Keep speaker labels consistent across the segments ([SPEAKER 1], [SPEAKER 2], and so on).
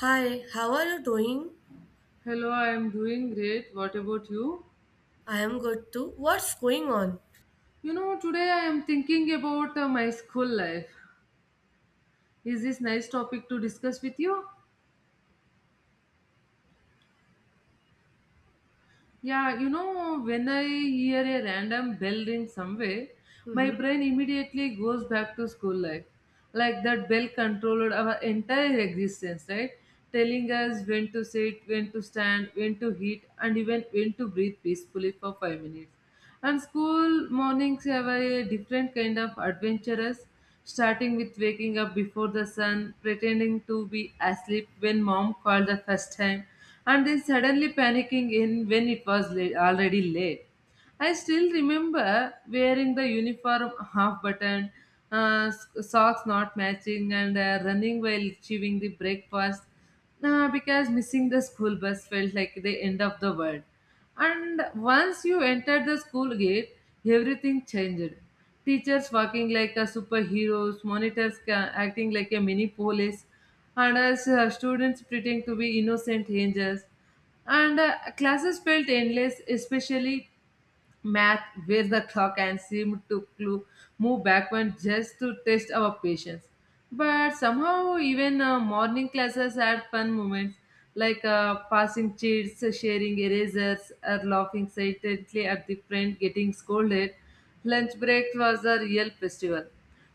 [SPEAKER 1] Hi, how are you doing?
[SPEAKER 2] Hello, I am doing great. What about you?
[SPEAKER 1] I am good too. What's going on?
[SPEAKER 2] You know, today I am thinking about my school life. Is this nice topic to discuss with you? Yeah, you know, when I hear a random bell ring somewhere, my
[SPEAKER 1] Mhm.
[SPEAKER 2] brain immediately goes back to school life. Like that bell controlled our entire existence, right? Telling us when to sit, when to stand, when to eat, and even when to breathe peacefully for 5 minutes. And school mornings have a different kind of adventurous, starting with waking up before the sun, pretending to be asleep when mom called the first time, and then suddenly panicking in when it was late, already late. I still remember wearing the uniform half button, socks not matching, and running while chewing the breakfast. Nah, because missing the school bus felt like the end of the world. And once you entered the school gate, everything changed. Teachers walking like a superheroes, monitors acting like a mini police, and us students pretending to be innocent angels. And classes felt endless, especially math where the clock and seemed to move backward just to test our patience. But somehow, even morning classes had fun moments like passing cheats, sharing erasers, or laughing silently at the friend getting scolded. Lunch break was a real festival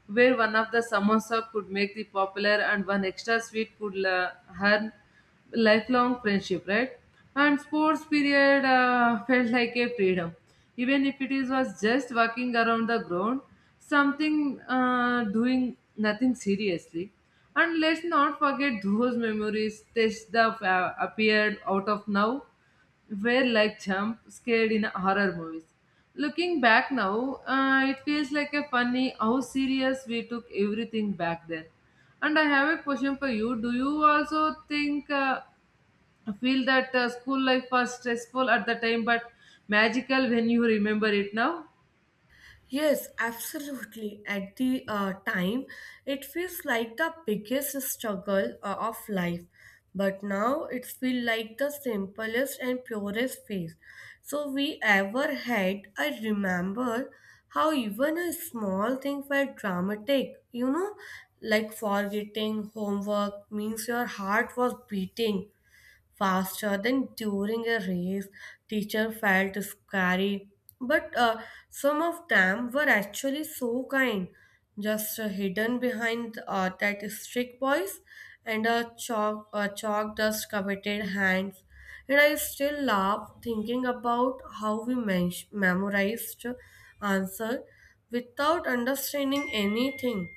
[SPEAKER 2] where one of the samosa could make the popular and one extra sweet could earn lifelong friendship, right? And sports period felt like a freedom, even if it is was just walking around the ground, something doing nothing seriously. And let's not forget those memories. Tests that appeared out of now were like jump scared in horror movies. Looking back now, it feels like a funny how serious we took everything back then. And I have a question for you. Do you also think, feel that school life was stressful at the time but magical when you remember it now?
[SPEAKER 1] Yes, absolutely. At the time, it feels like the biggest struggle of life, but now it feels like the simplest and purest phase. So we ever had. I remember how even a small thing felt dramatic. You know, like forgetting homework means your heart was beating faster than during a race. Teacher felt scary, but some of them were actually so kind, just hidden behind that strict voice and a chalk dust coveted hands. And I still laugh thinking about how we memorized answer without understanding anything.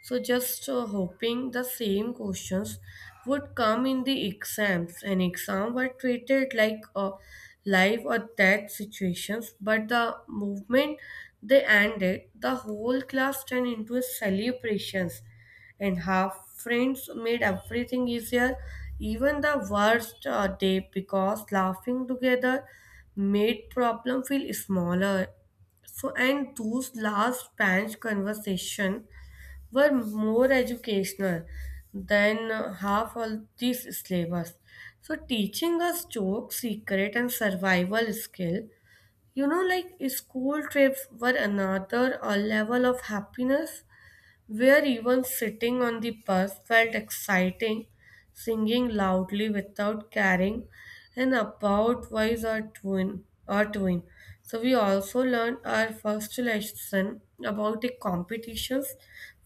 [SPEAKER 1] So just hoping the same questions would come in the exams, and exam were treated like a life or death situations. But the movement they ended, the whole class turned into a celebrations, and half friends made everything easier, even the worst day, because laughing together made problem feel smaller. So and those last bench conversation were more educational than half of these syllabus. So teaching us joke, secret, and survival skill, you know, like school trips were another level of happiness where even sitting on the bus felt exciting, singing loudly without caring and about wise our twin. So we also learned our first lesson about the competitions,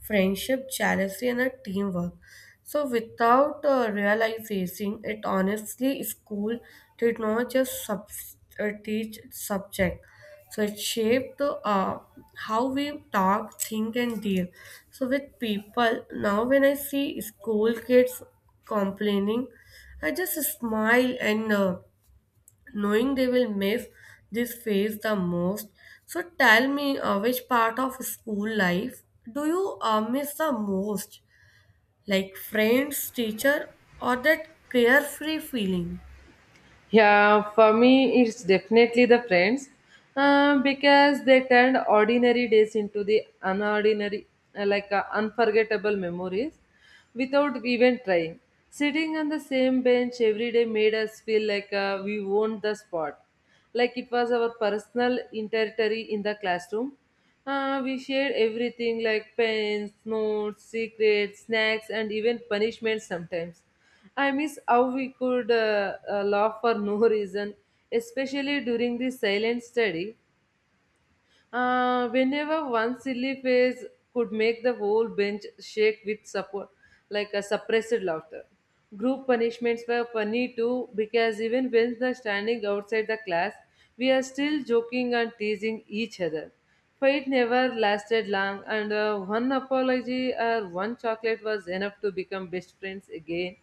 [SPEAKER 1] friendship, jealousy and a teamwork. So without realizing it, honestly school did not just teach subject, so it shaped how we talk, think and deal so with people. Now when I see school kids complaining, I just smile and knowing they will miss this phase the most. So tell me, which part of school life do you miss the most, like friends, teacher, or that carefree feeling?
[SPEAKER 2] Yeah, for me, it's definitely the friends because they turned ordinary days into the unordinary, unforgettable memories without even trying. Sitting on the same bench every day made us feel like we owned the spot like it was our personal territory in the classroom. We shared everything like pens, notes, secrets, snacks, and even punishments sometimes. I miss how we could laugh for no reason, especially during the silent study. Whenever one silly face could make the whole bench shake with support, like a suppressed laughter. Group punishments were funny too because even when they're standing outside the class, we are still joking and teasing each other. Fight never lasted long, and one apology or one chocolate was enough to become best friends again.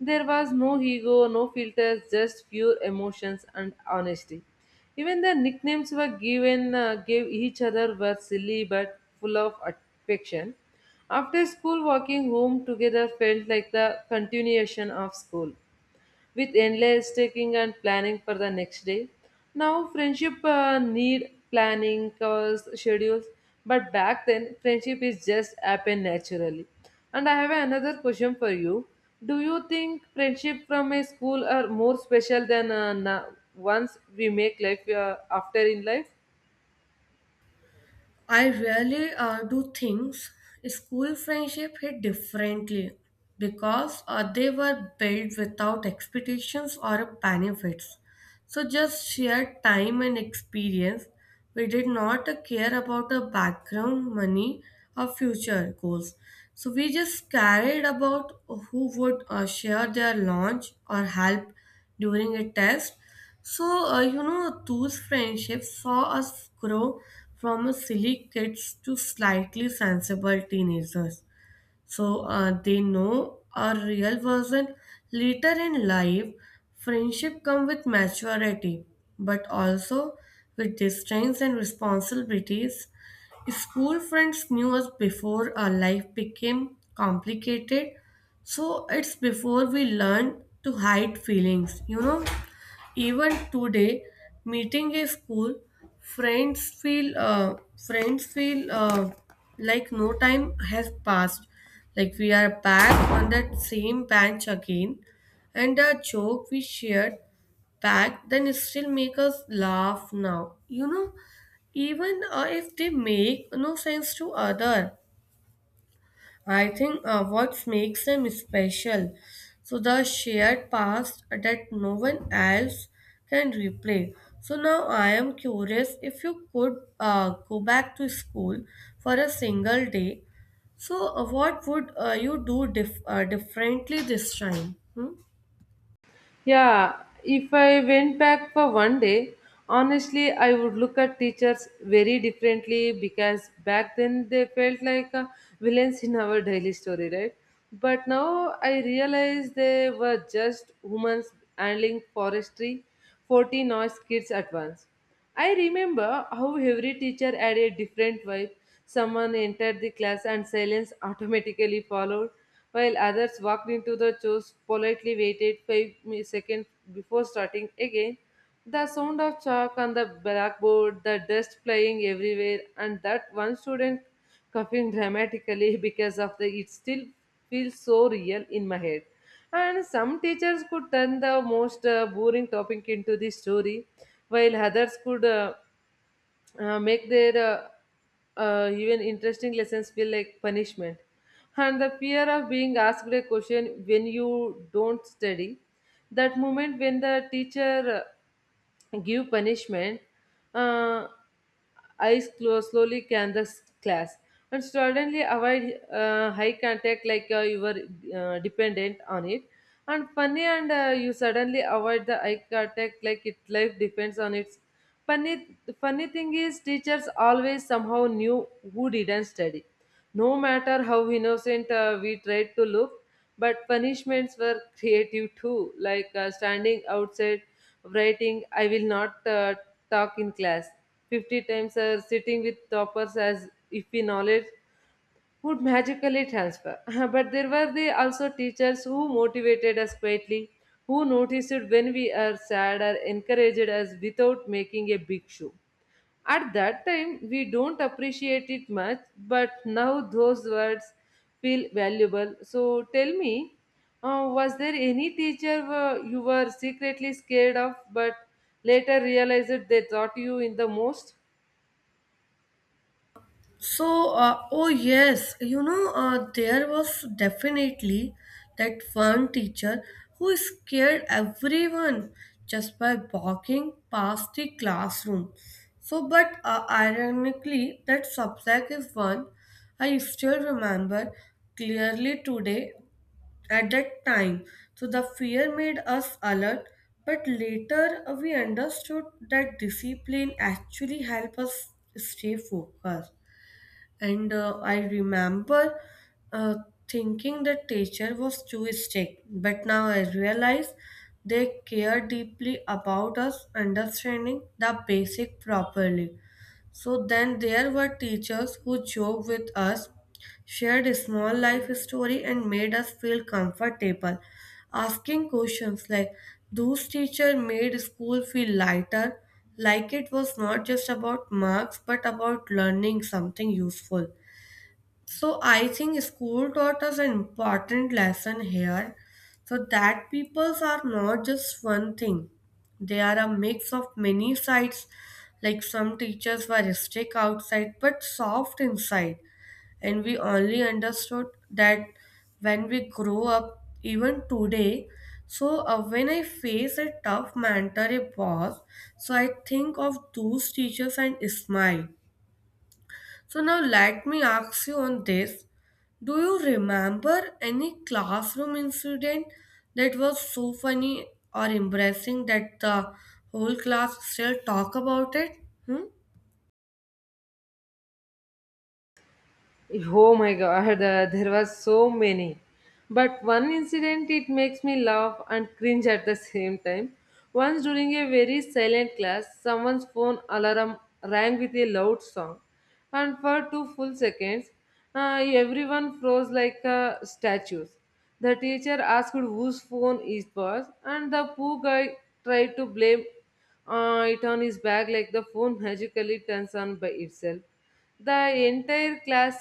[SPEAKER 2] There was no ego, no filters, just pure emotions and honesty. Even the nicknames were given gave each other were silly but full of affection. After school, walking home together felt like the continuation of school with endless taking and planning for the next day. Now friendship need planning, cause schedules, but back then friendship is just happen naturally. And I have another question for you. Do you think friendship from a school are more special than ones we make life after in life?
[SPEAKER 1] I really do things. School friendship hit differently because they were built without expectations or benefits. So just shared time and experience. We did not care about the background, money, or future goals. So we just cared about who would share their lunch or help during a test. So, you know, those friendships saw us grow from silly kids to slightly sensible teenagers. So, they know our real version. Later in life, friendship come with maturity, but also with distance and responsibilities. School friends knew us before our life became complicated. So, it's before we learn to hide feelings, you know. Even today, meeting a school friends feel uh, friends feel like no time has passed. Like we are back on that same bench again, and the joke we shared back then still make us laugh now. You know, even if they make no sense to other. I think what makes them special, so the shared past that no one else can replay. So now I am curious if you could go back to school for a single day. So what would you do differently this time? Hmm?
[SPEAKER 2] Yeah, if I went back for 1 day, honestly, I would look at teachers very differently because back then they felt like villains in our daily story, right? But now I realize they were just humans handling forestry, 40 noise kids at once. I remember how every teacher had a different vibe. Someone entered the class and silence automatically followed, while others walked into the chairs, politely waited seconds before starting again. The sound of chalk on the blackboard, the dust flying everywhere, and that one student coughing dramatically because of the it still feels so real in my head, and some teachers could turn the most boring topic into the story, while others could make their even interesting lessons feel like punishment. And the fear of being asked a question when you don't study, that moment when the teacher give punishment, uh, eyes close slowly can the class and suddenly avoid high contact like you were dependent on it and funny and you suddenly avoid the eye contact like it life depends on its. Funny, the funny thing is teachers always somehow knew who didn't study, no matter how innocent we tried to look, but punishments were creative too, like standing outside, writing, I will not talk in class, 50 times, or sitting with toppers as if we knowledge would magically transfer. But there were the also teachers who motivated us quietly, who noticed when we are sad or encouraged us without making a big show. At that time, we don't appreciate it much, but now those words feel valuable. So tell me, was there any teacher you were secretly scared of, but later realized they taught you in the most?
[SPEAKER 1] So, oh yes, you know, there was definitely that one teacher who scared everyone just by walking past the classroom. So, but ironically, that subject is one I still remember clearly today at that time. So, the fear made us alert, but later we understood that discipline actually helped us stay focused, and I remember uh, thinking the teacher was too strict, but now I realize they care deeply about us understanding the basic properly. So then there were teachers who joked with us, shared a small life story, and made us feel comfortable. Asking questions like, those teacher made school feel lighter, like it was not just about marks but about learning something useful. So I think school taught us an important lesson here. So that peoples are not just one thing. They are a mix of many sides. Like some teachers were strict outside but soft inside. And we only understood that when we grow up, even today. So when I face a tough mentor, a boss, so I think of those teachers and smile. So now let me ask you on this. Do you remember any classroom incident that was so funny or embarrassing that the whole class still talk about it? Hmm?
[SPEAKER 2] Oh my god, there was so many. But one incident, it makes me laugh and cringe at the same time. Once during a very silent class, someone's phone alarm rang with a loud song, and for two full seconds, everyone froze like statues. The teacher asked whose phone it was, and the poor guy tried to blame it on his back like the phone magically turns on by itself. The entire class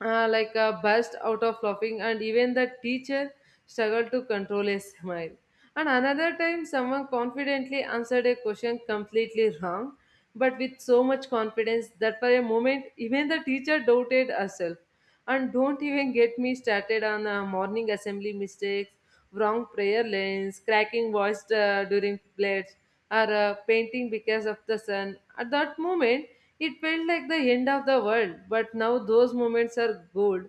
[SPEAKER 2] like a burst out of laughing, and even the teacher struggled to control a smile. And another time someone confidently answered a question completely wrong, but with so much confidence that for a moment even the teacher doubted herself. And don't even get me started on morning assembly mistakes, wrong prayer lanes, cracking voice during plates, or painting because of the sun. At that moment, it felt like the end of the world, but now those moments are gold.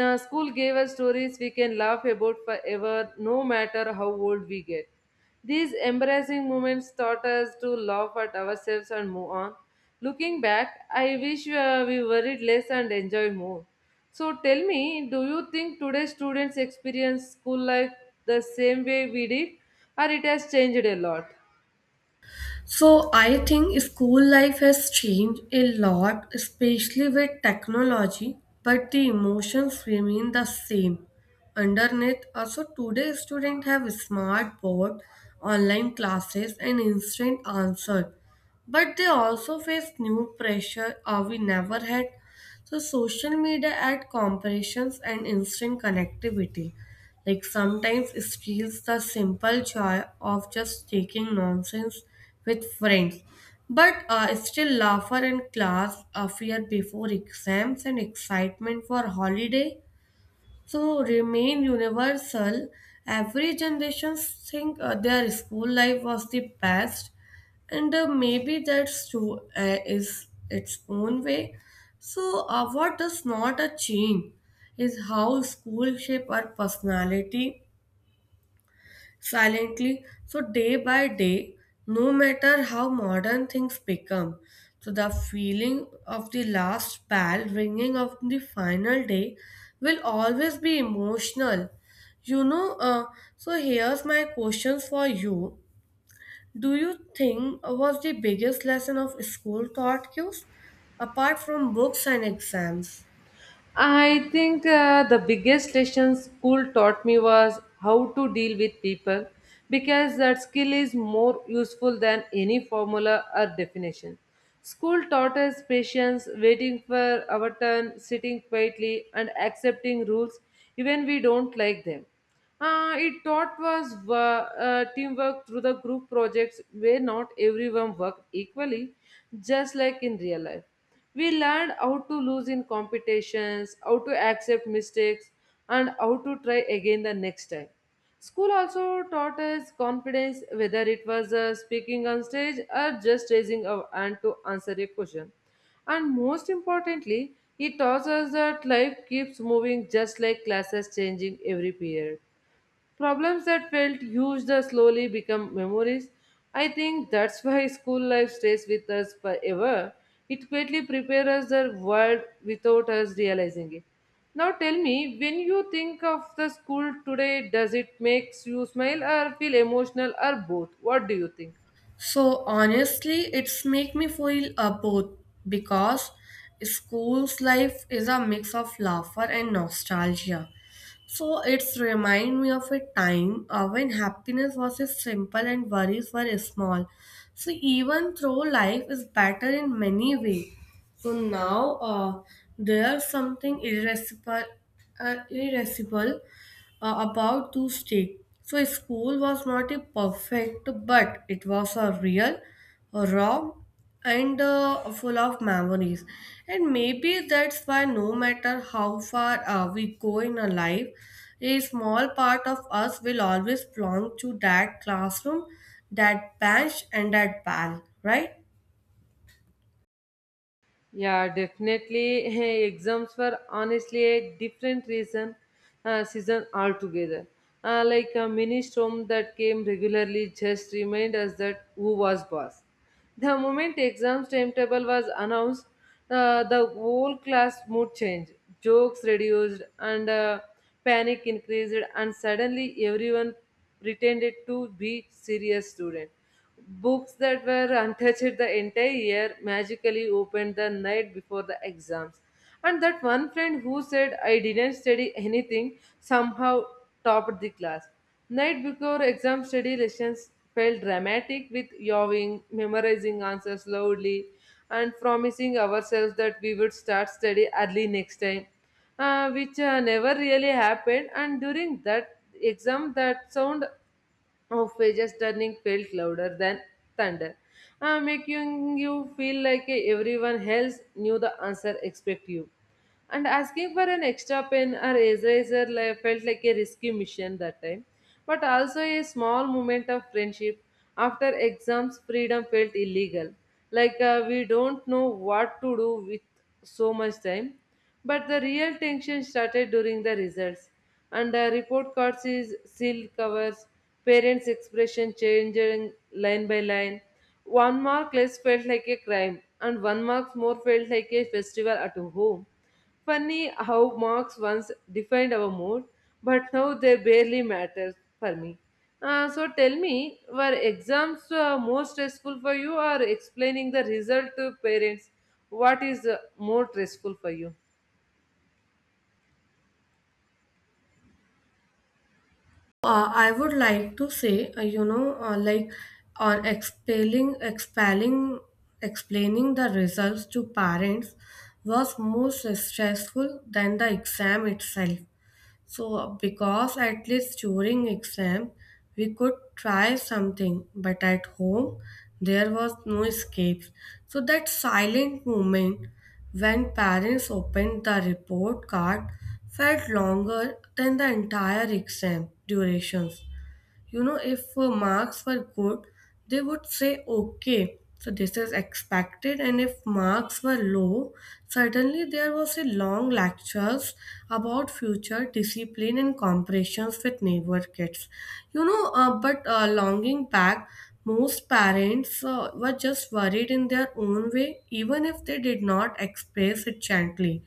[SPEAKER 2] School gave us stories we can laugh about forever, no matter how old we get. These embarrassing moments taught us to laugh at ourselves and move on. Looking back, I wish we worried less and enjoyed more. So tell me, do you think today's students experience school life the same way we did, or it has changed a lot?
[SPEAKER 1] So I think school life has changed a lot, especially with technology, but the emotions remain the same. Underneath, also today students have smart board, online classes, and instant answer. But they also face new pressure we never had. So social media add comparisons and instant connectivity. Like sometimes it feels the simple joy of just taking nonsense with friends. But still laughter in class, a fear before exams and excitement for holiday. So remain universal. Every generation think their school life was the best, and maybe that's true is its own way. So what does not a change is how school shape our personality silently. So, day by day, no matter how modern things become, so the feeling of the last bell ringing of the final day will always be emotional. You know, so here's my questions for you. Do you think was the biggest lesson of school taught you, apart from books and exams?
[SPEAKER 2] I think the biggest lesson school taught me was how to deal with people because that skill is more useful than any formula or definition. School taught us patience, waiting for our turn, sitting quietly, and accepting rules even we don't like them. It taught was teamwork through the group projects where not everyone worked equally, just like in real life. We learned how to lose in competitions, how to accept mistakes, and how to try again the next time. School also taught us confidence, whether it was speaking on stage or just raising our hand to answer a question. And most importantly, it taught us that life keeps moving just like classes changing every period. Problems that felt huge that slowly become memories. I think that's why school life stays with us forever. It quietly prepares us the world without us realizing it. Now tell me, when you think of the school today, does it makes you smile or feel emotional or both? What do you think?
[SPEAKER 1] So honestly, it's make me feel both because school's life is a mix of laughter and nostalgia. So it's remind me of a time when happiness was a simple and worries were small. So even though life is better in many ways, so now there's something irrepressible about to stay. So school was not a perfect, but it was a real, raw, and full of memories. And maybe that's why no matter how far we go in our life, a small part of us will always belong to that classroom, that bench, and that bell, right?
[SPEAKER 2] Yeah, definitely. Exams were honestly a different reason season altogether. Like a mini storm that came regularly just remind us that who was boss. The moment exams timetable was announced, the whole class mood changed, jokes reduced, and panic increased, and suddenly everyone pretended to be serious student. Books that were untouched the entire year magically opened the night before the exams. And that one friend who said, I didn't study anything, somehow topped the class. Night before exam study lessons felt dramatic with yawing, memorizing answers loudly, and promising ourselves that we would start study early next time, which never really happened. And during that exam, that sound of pages turning felt louder than thunder, making you feel like everyone else knew the answer except you. And asking for an extra pen or eraser felt like a risky mission that time, but also a small moment of friendship. After exams, freedom felt illegal. Like we don't know what to do with so much time. But the real tension started during the results. Under report cards is sealed covers, parents' expression changing line by line. One mark less felt like a crime, and one mark more felt like a festival at home. Funny how marks once defined our mood, but now they barely matter for me. So tell me, were exams more stressful for you or explaining the result to parents? What is more stressful for you?
[SPEAKER 1] I would like to say, you know, like or explaining the results to parents was more stressful than the exam itself. So, because at least during exam we could try something, but at home there was no escape. So, that silent moment when parents opened the report card felt longer than the entire exam durations. You know, if marks were good, they would say okay, so this is expected, and if marks were low, suddenly there was a long lectures about future, discipline and comparisons with neighbor kids. You know, but longing back, most parents were just worried in their own way, even if they did not express it gently.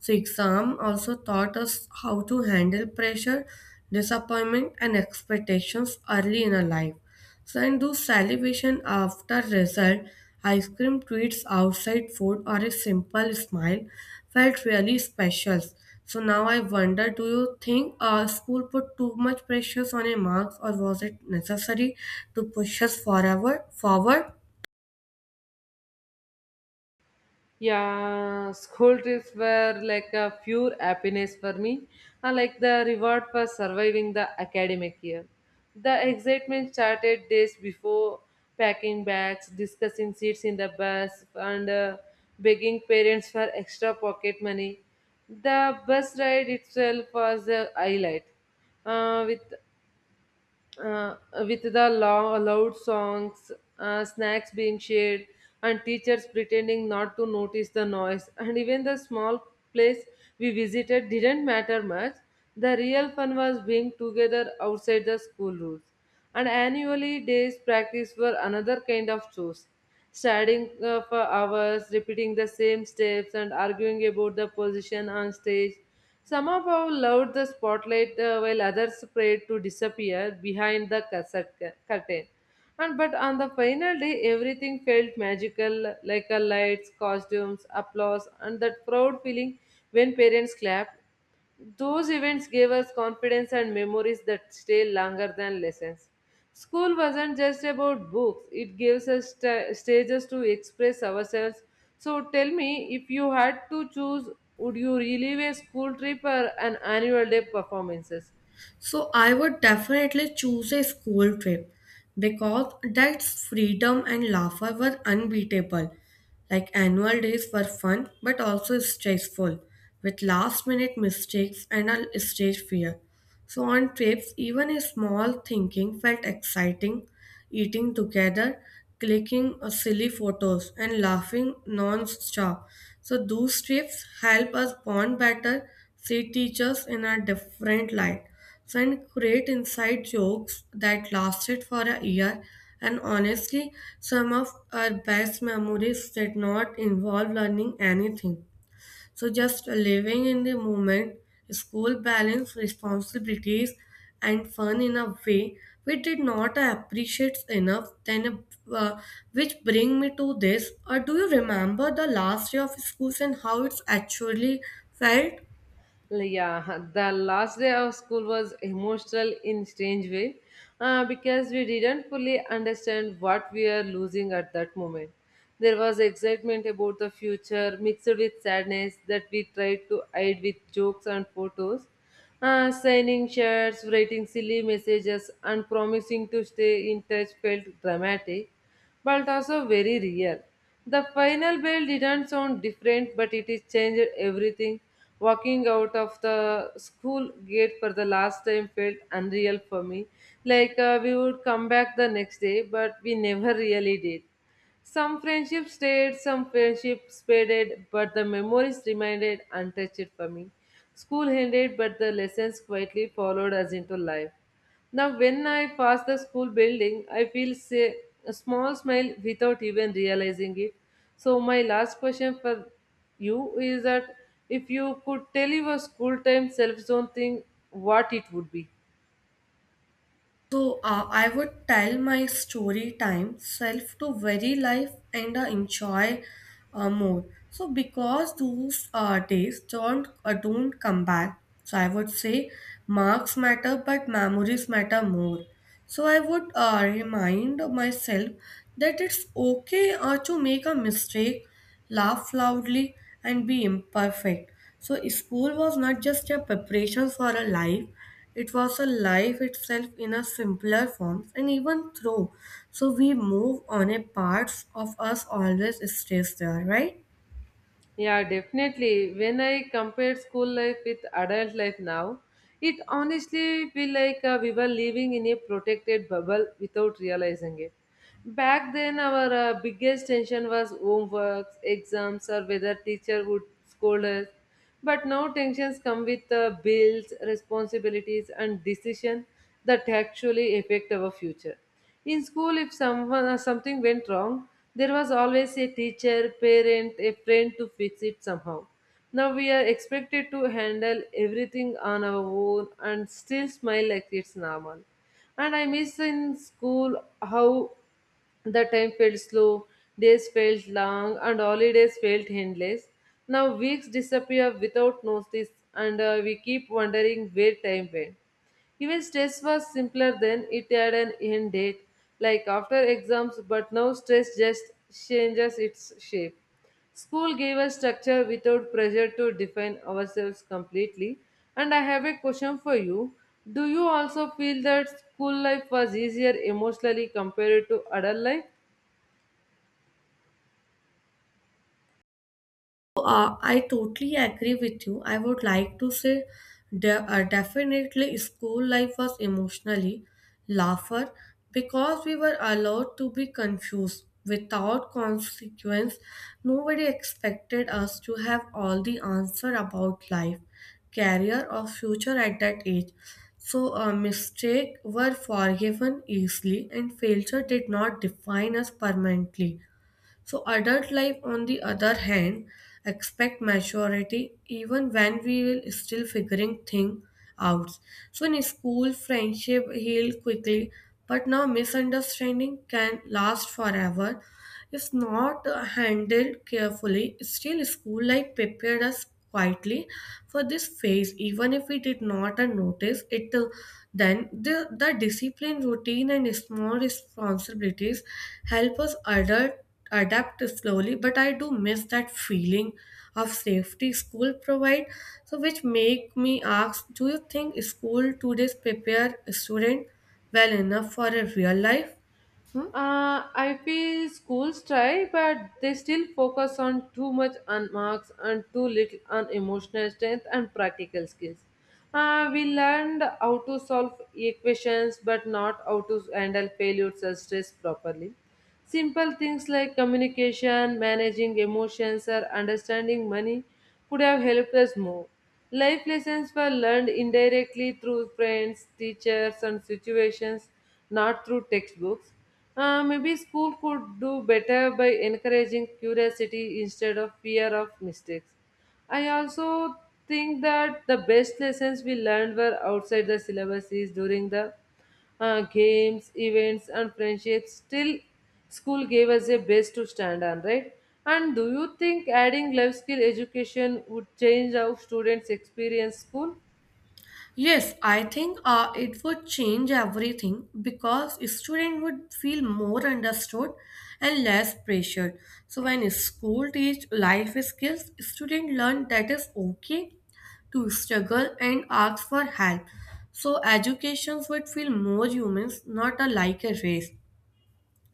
[SPEAKER 1] So, exam also taught us how to handle pressure, disappointment, and expectations early in our life. So, and do celebration after result, ice cream treats, outside food, or a simple smile felt really special. So now I wonder, do you think school put too much pressure on a marks, or was it necessary to push us forever forward?
[SPEAKER 2] Yeah, school trips were like a pure happiness for me, like the reward for surviving the academic year. The excitement started days before packing bags, discussing seats in the bus, and begging parents for extra pocket money. The bus ride itself was a highlight. Uh, with uh, with the loud songs, snacks being shared, and teachers pretending not to notice the noise. And even the small place we visited didn't matter much. The real fun was being together outside the school rules. And annually, days practice were another kind of chores. Studying for hours, repeating the same steps, and arguing about the position on stage, some of our loved the spotlight while others prayed to disappear behind the cassette curtain. And but on the final day, everything felt magical, like a lights, costumes, applause, and that proud feeling when parents clapped. Those events gave us confidence and memories that stay longer than lessons. School wasn't just about books, it gives us sta stages to express ourselves. So tell me, if you had to choose, would you relive a school trip or an annual day performances?
[SPEAKER 1] So I would definitely choose a school trip because that's freedom and laughter were unbeatable. Like annual days were fun but also stressful with last minute mistakes and a stage fear. So on trips, even a small thinking felt exciting, eating together, clicking silly photos, and laughing non-stop. So those trips help us bond better, see teachers in a different light, so and create inside jokes that lasted for a year. And honestly, some of our best memories did not involve learning anything, so just living in the moment, school balance, responsibilities, and fun in a way we did not appreciate enough. Then, uh, which bring me to this. Or do you remember the last day of schools and how it's actually felt?
[SPEAKER 2] Yeah, the last day of school was emotional in strange way because we didn't fully understand what we are losing at that moment. There was excitement about the future mixed with sadness that we tried to hide with jokes and photos, signing shirts, writing silly messages, and promising to stay in touch felt dramatic but also very real. The final bell didn't sound different, but it is changed everything. Walking out of the school gate for the last time felt unreal for me. Like we would come back the next day, but we never really did. Some friendships stayed, some friendships faded, but the memories remained untouched for me. School ended, but the lessons quietly followed us into life. Now, when I pass the school building, I feel say, a small smile without even realizing it. So, my last question for you is that if you could tell your school time self zone thing, what it would be?
[SPEAKER 1] So I would tell my story time self to very life and enjoy more. So because those days don't come back, so I would say marks matter, but memories matter more. So I would remind myself that it's okay to make a mistake, laugh loudly, and be imperfect. So school was not just a preparation for a life; it was a life itself in a simpler form, and even though so we move on, a part of us always stays there, right?
[SPEAKER 2] Yeah, definitely. When I compare school life with adult life now, it honestly feel like we were living in a protected bubble without realizing it. Back then, our biggest tension was homeworks, exams, or whether teacher would scold us. But now tensions come with bills, responsibilities, and decision that actually affect our future. In school, if someone something went wrong, there was always a teacher, parent, a friend to fix it somehow. Now we are expected to handle everything on our own and still smile like it's normal. And I miss in school how the time felt slow, days felt long, and holidays felt endless. Now weeks disappear without notice, and we keep wondering where time went. Even stress was simpler then, it had an end date, like after exams, but now stress just changes its shape. School gave us structure without pressure to define ourselves completely. And I have a question for you. Do you also feel that school life was easier emotionally compared to adult life?
[SPEAKER 1] I totally agree with you. I would like to say definitely school life was emotionally laughter because we were allowed to be confused without consequence. Nobody expected us to have all the answer about life, career or future at that age. So mistakes were forgiven easily and failure did not define us permanently. So adult life, on the other hand, expect maturity even when we will still figuring things out. So in school, friendship heal quickly, but now misunderstanding can last forever. If not handled carefully, still school life prepared us quietly for this phase. Even if we did not notice it, then the discipline, routine, and small responsibilities help us adult adapt slowly. But I do miss that feeling of safety school provide, so which make me ask, do you think school today prepare student well enough for a real life? Hmm?
[SPEAKER 2] I feel schools try, but they still focus on too much on marks and too little on emotional strength and practical skills. We learned how to solve equations, but not how to handle failures or stress properly. Simple things like communication, managing emotions, or understanding money could have helped us more. Life lessons were learned indirectly through friends, teachers, and situations, not through textbooks. Maybe school could do better by encouraging curiosity instead of fear of mistakes. I also think that the best lessons we learned were outside the syllabuses during the games, events, and friendships. Still, school gave us a base to stand on, right? And do you think adding life skill education would change how students experience school?
[SPEAKER 1] Yes, I think it would change everything because student would feel more understood and less pressured. So when school teach life skills, student learn that it's okay to struggle and ask for help. So educations would feel more humans, not a like a race.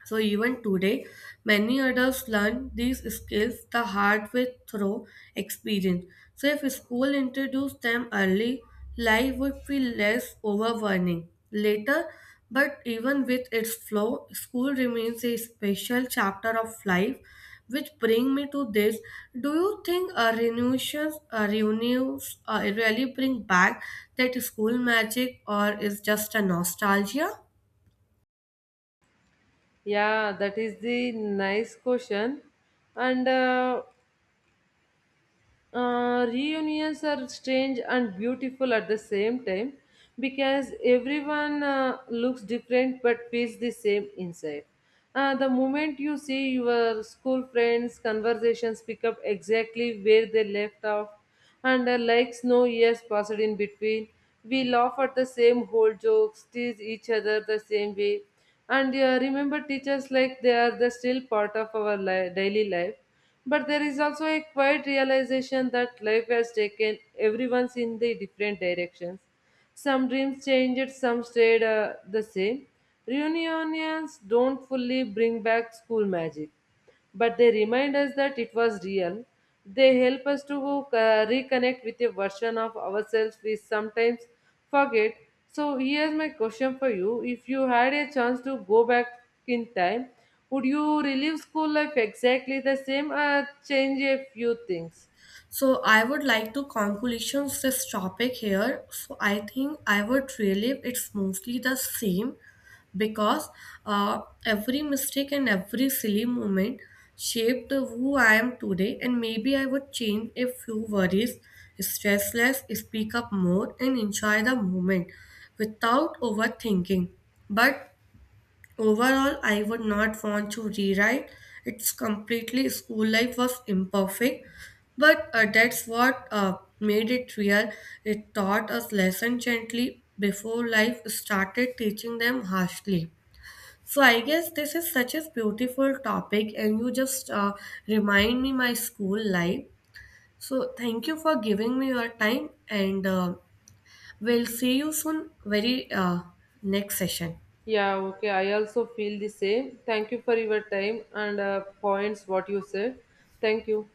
[SPEAKER 1] So even today, many adults learn these skills the hard way through experience. So if school introduced them early, life would feel less overwhelming later. But even with its flow, school remains a special chapter of life. Which bring me to this: Do you think reunions, really bring back that school magic, or is just a nostalgia?
[SPEAKER 2] Yeah, that is the nice question. And Reunions are strange and beautiful at the same time because everyone looks different but feels the same inside. The moment you see your school friends, conversations pick up exactly where they left off, and like no years passed in between. We laugh at the same old jokes, tease each other the same way, and remember teachers like they are the still part of our daily life. But there is also a quiet realization that life has taken everyone's in the different directions. Some dreams changed, some stayed the same. Reunions don't fully bring back school magic but they remind us that it was real. They help us to reconnect with a version of ourselves we sometimes forget. So, here's my question for you: if you had a chance to go back in time, would you relive school life exactly the same or change a few things?
[SPEAKER 1] So I would like to conclusions this topic here. So I think I would relive it's mostly the same because every mistake and every silly moment shaped who I am today, and maybe I would change a few worries, stress less, speak up more and enjoy the moment without overthinking. But overall, I would not want to rewrite. It's completely school life was imperfect, but that's what made it real. It taught us lesson gently before life started teaching them harshly. So I guess this is such a beautiful topic, and you just remind me my school life. So thank you for giving me your time, and we'll see you soon. Very Next session.
[SPEAKER 2] Yeah, okay. I also feel the same. Thank you for your time and points, what you said. Thank you.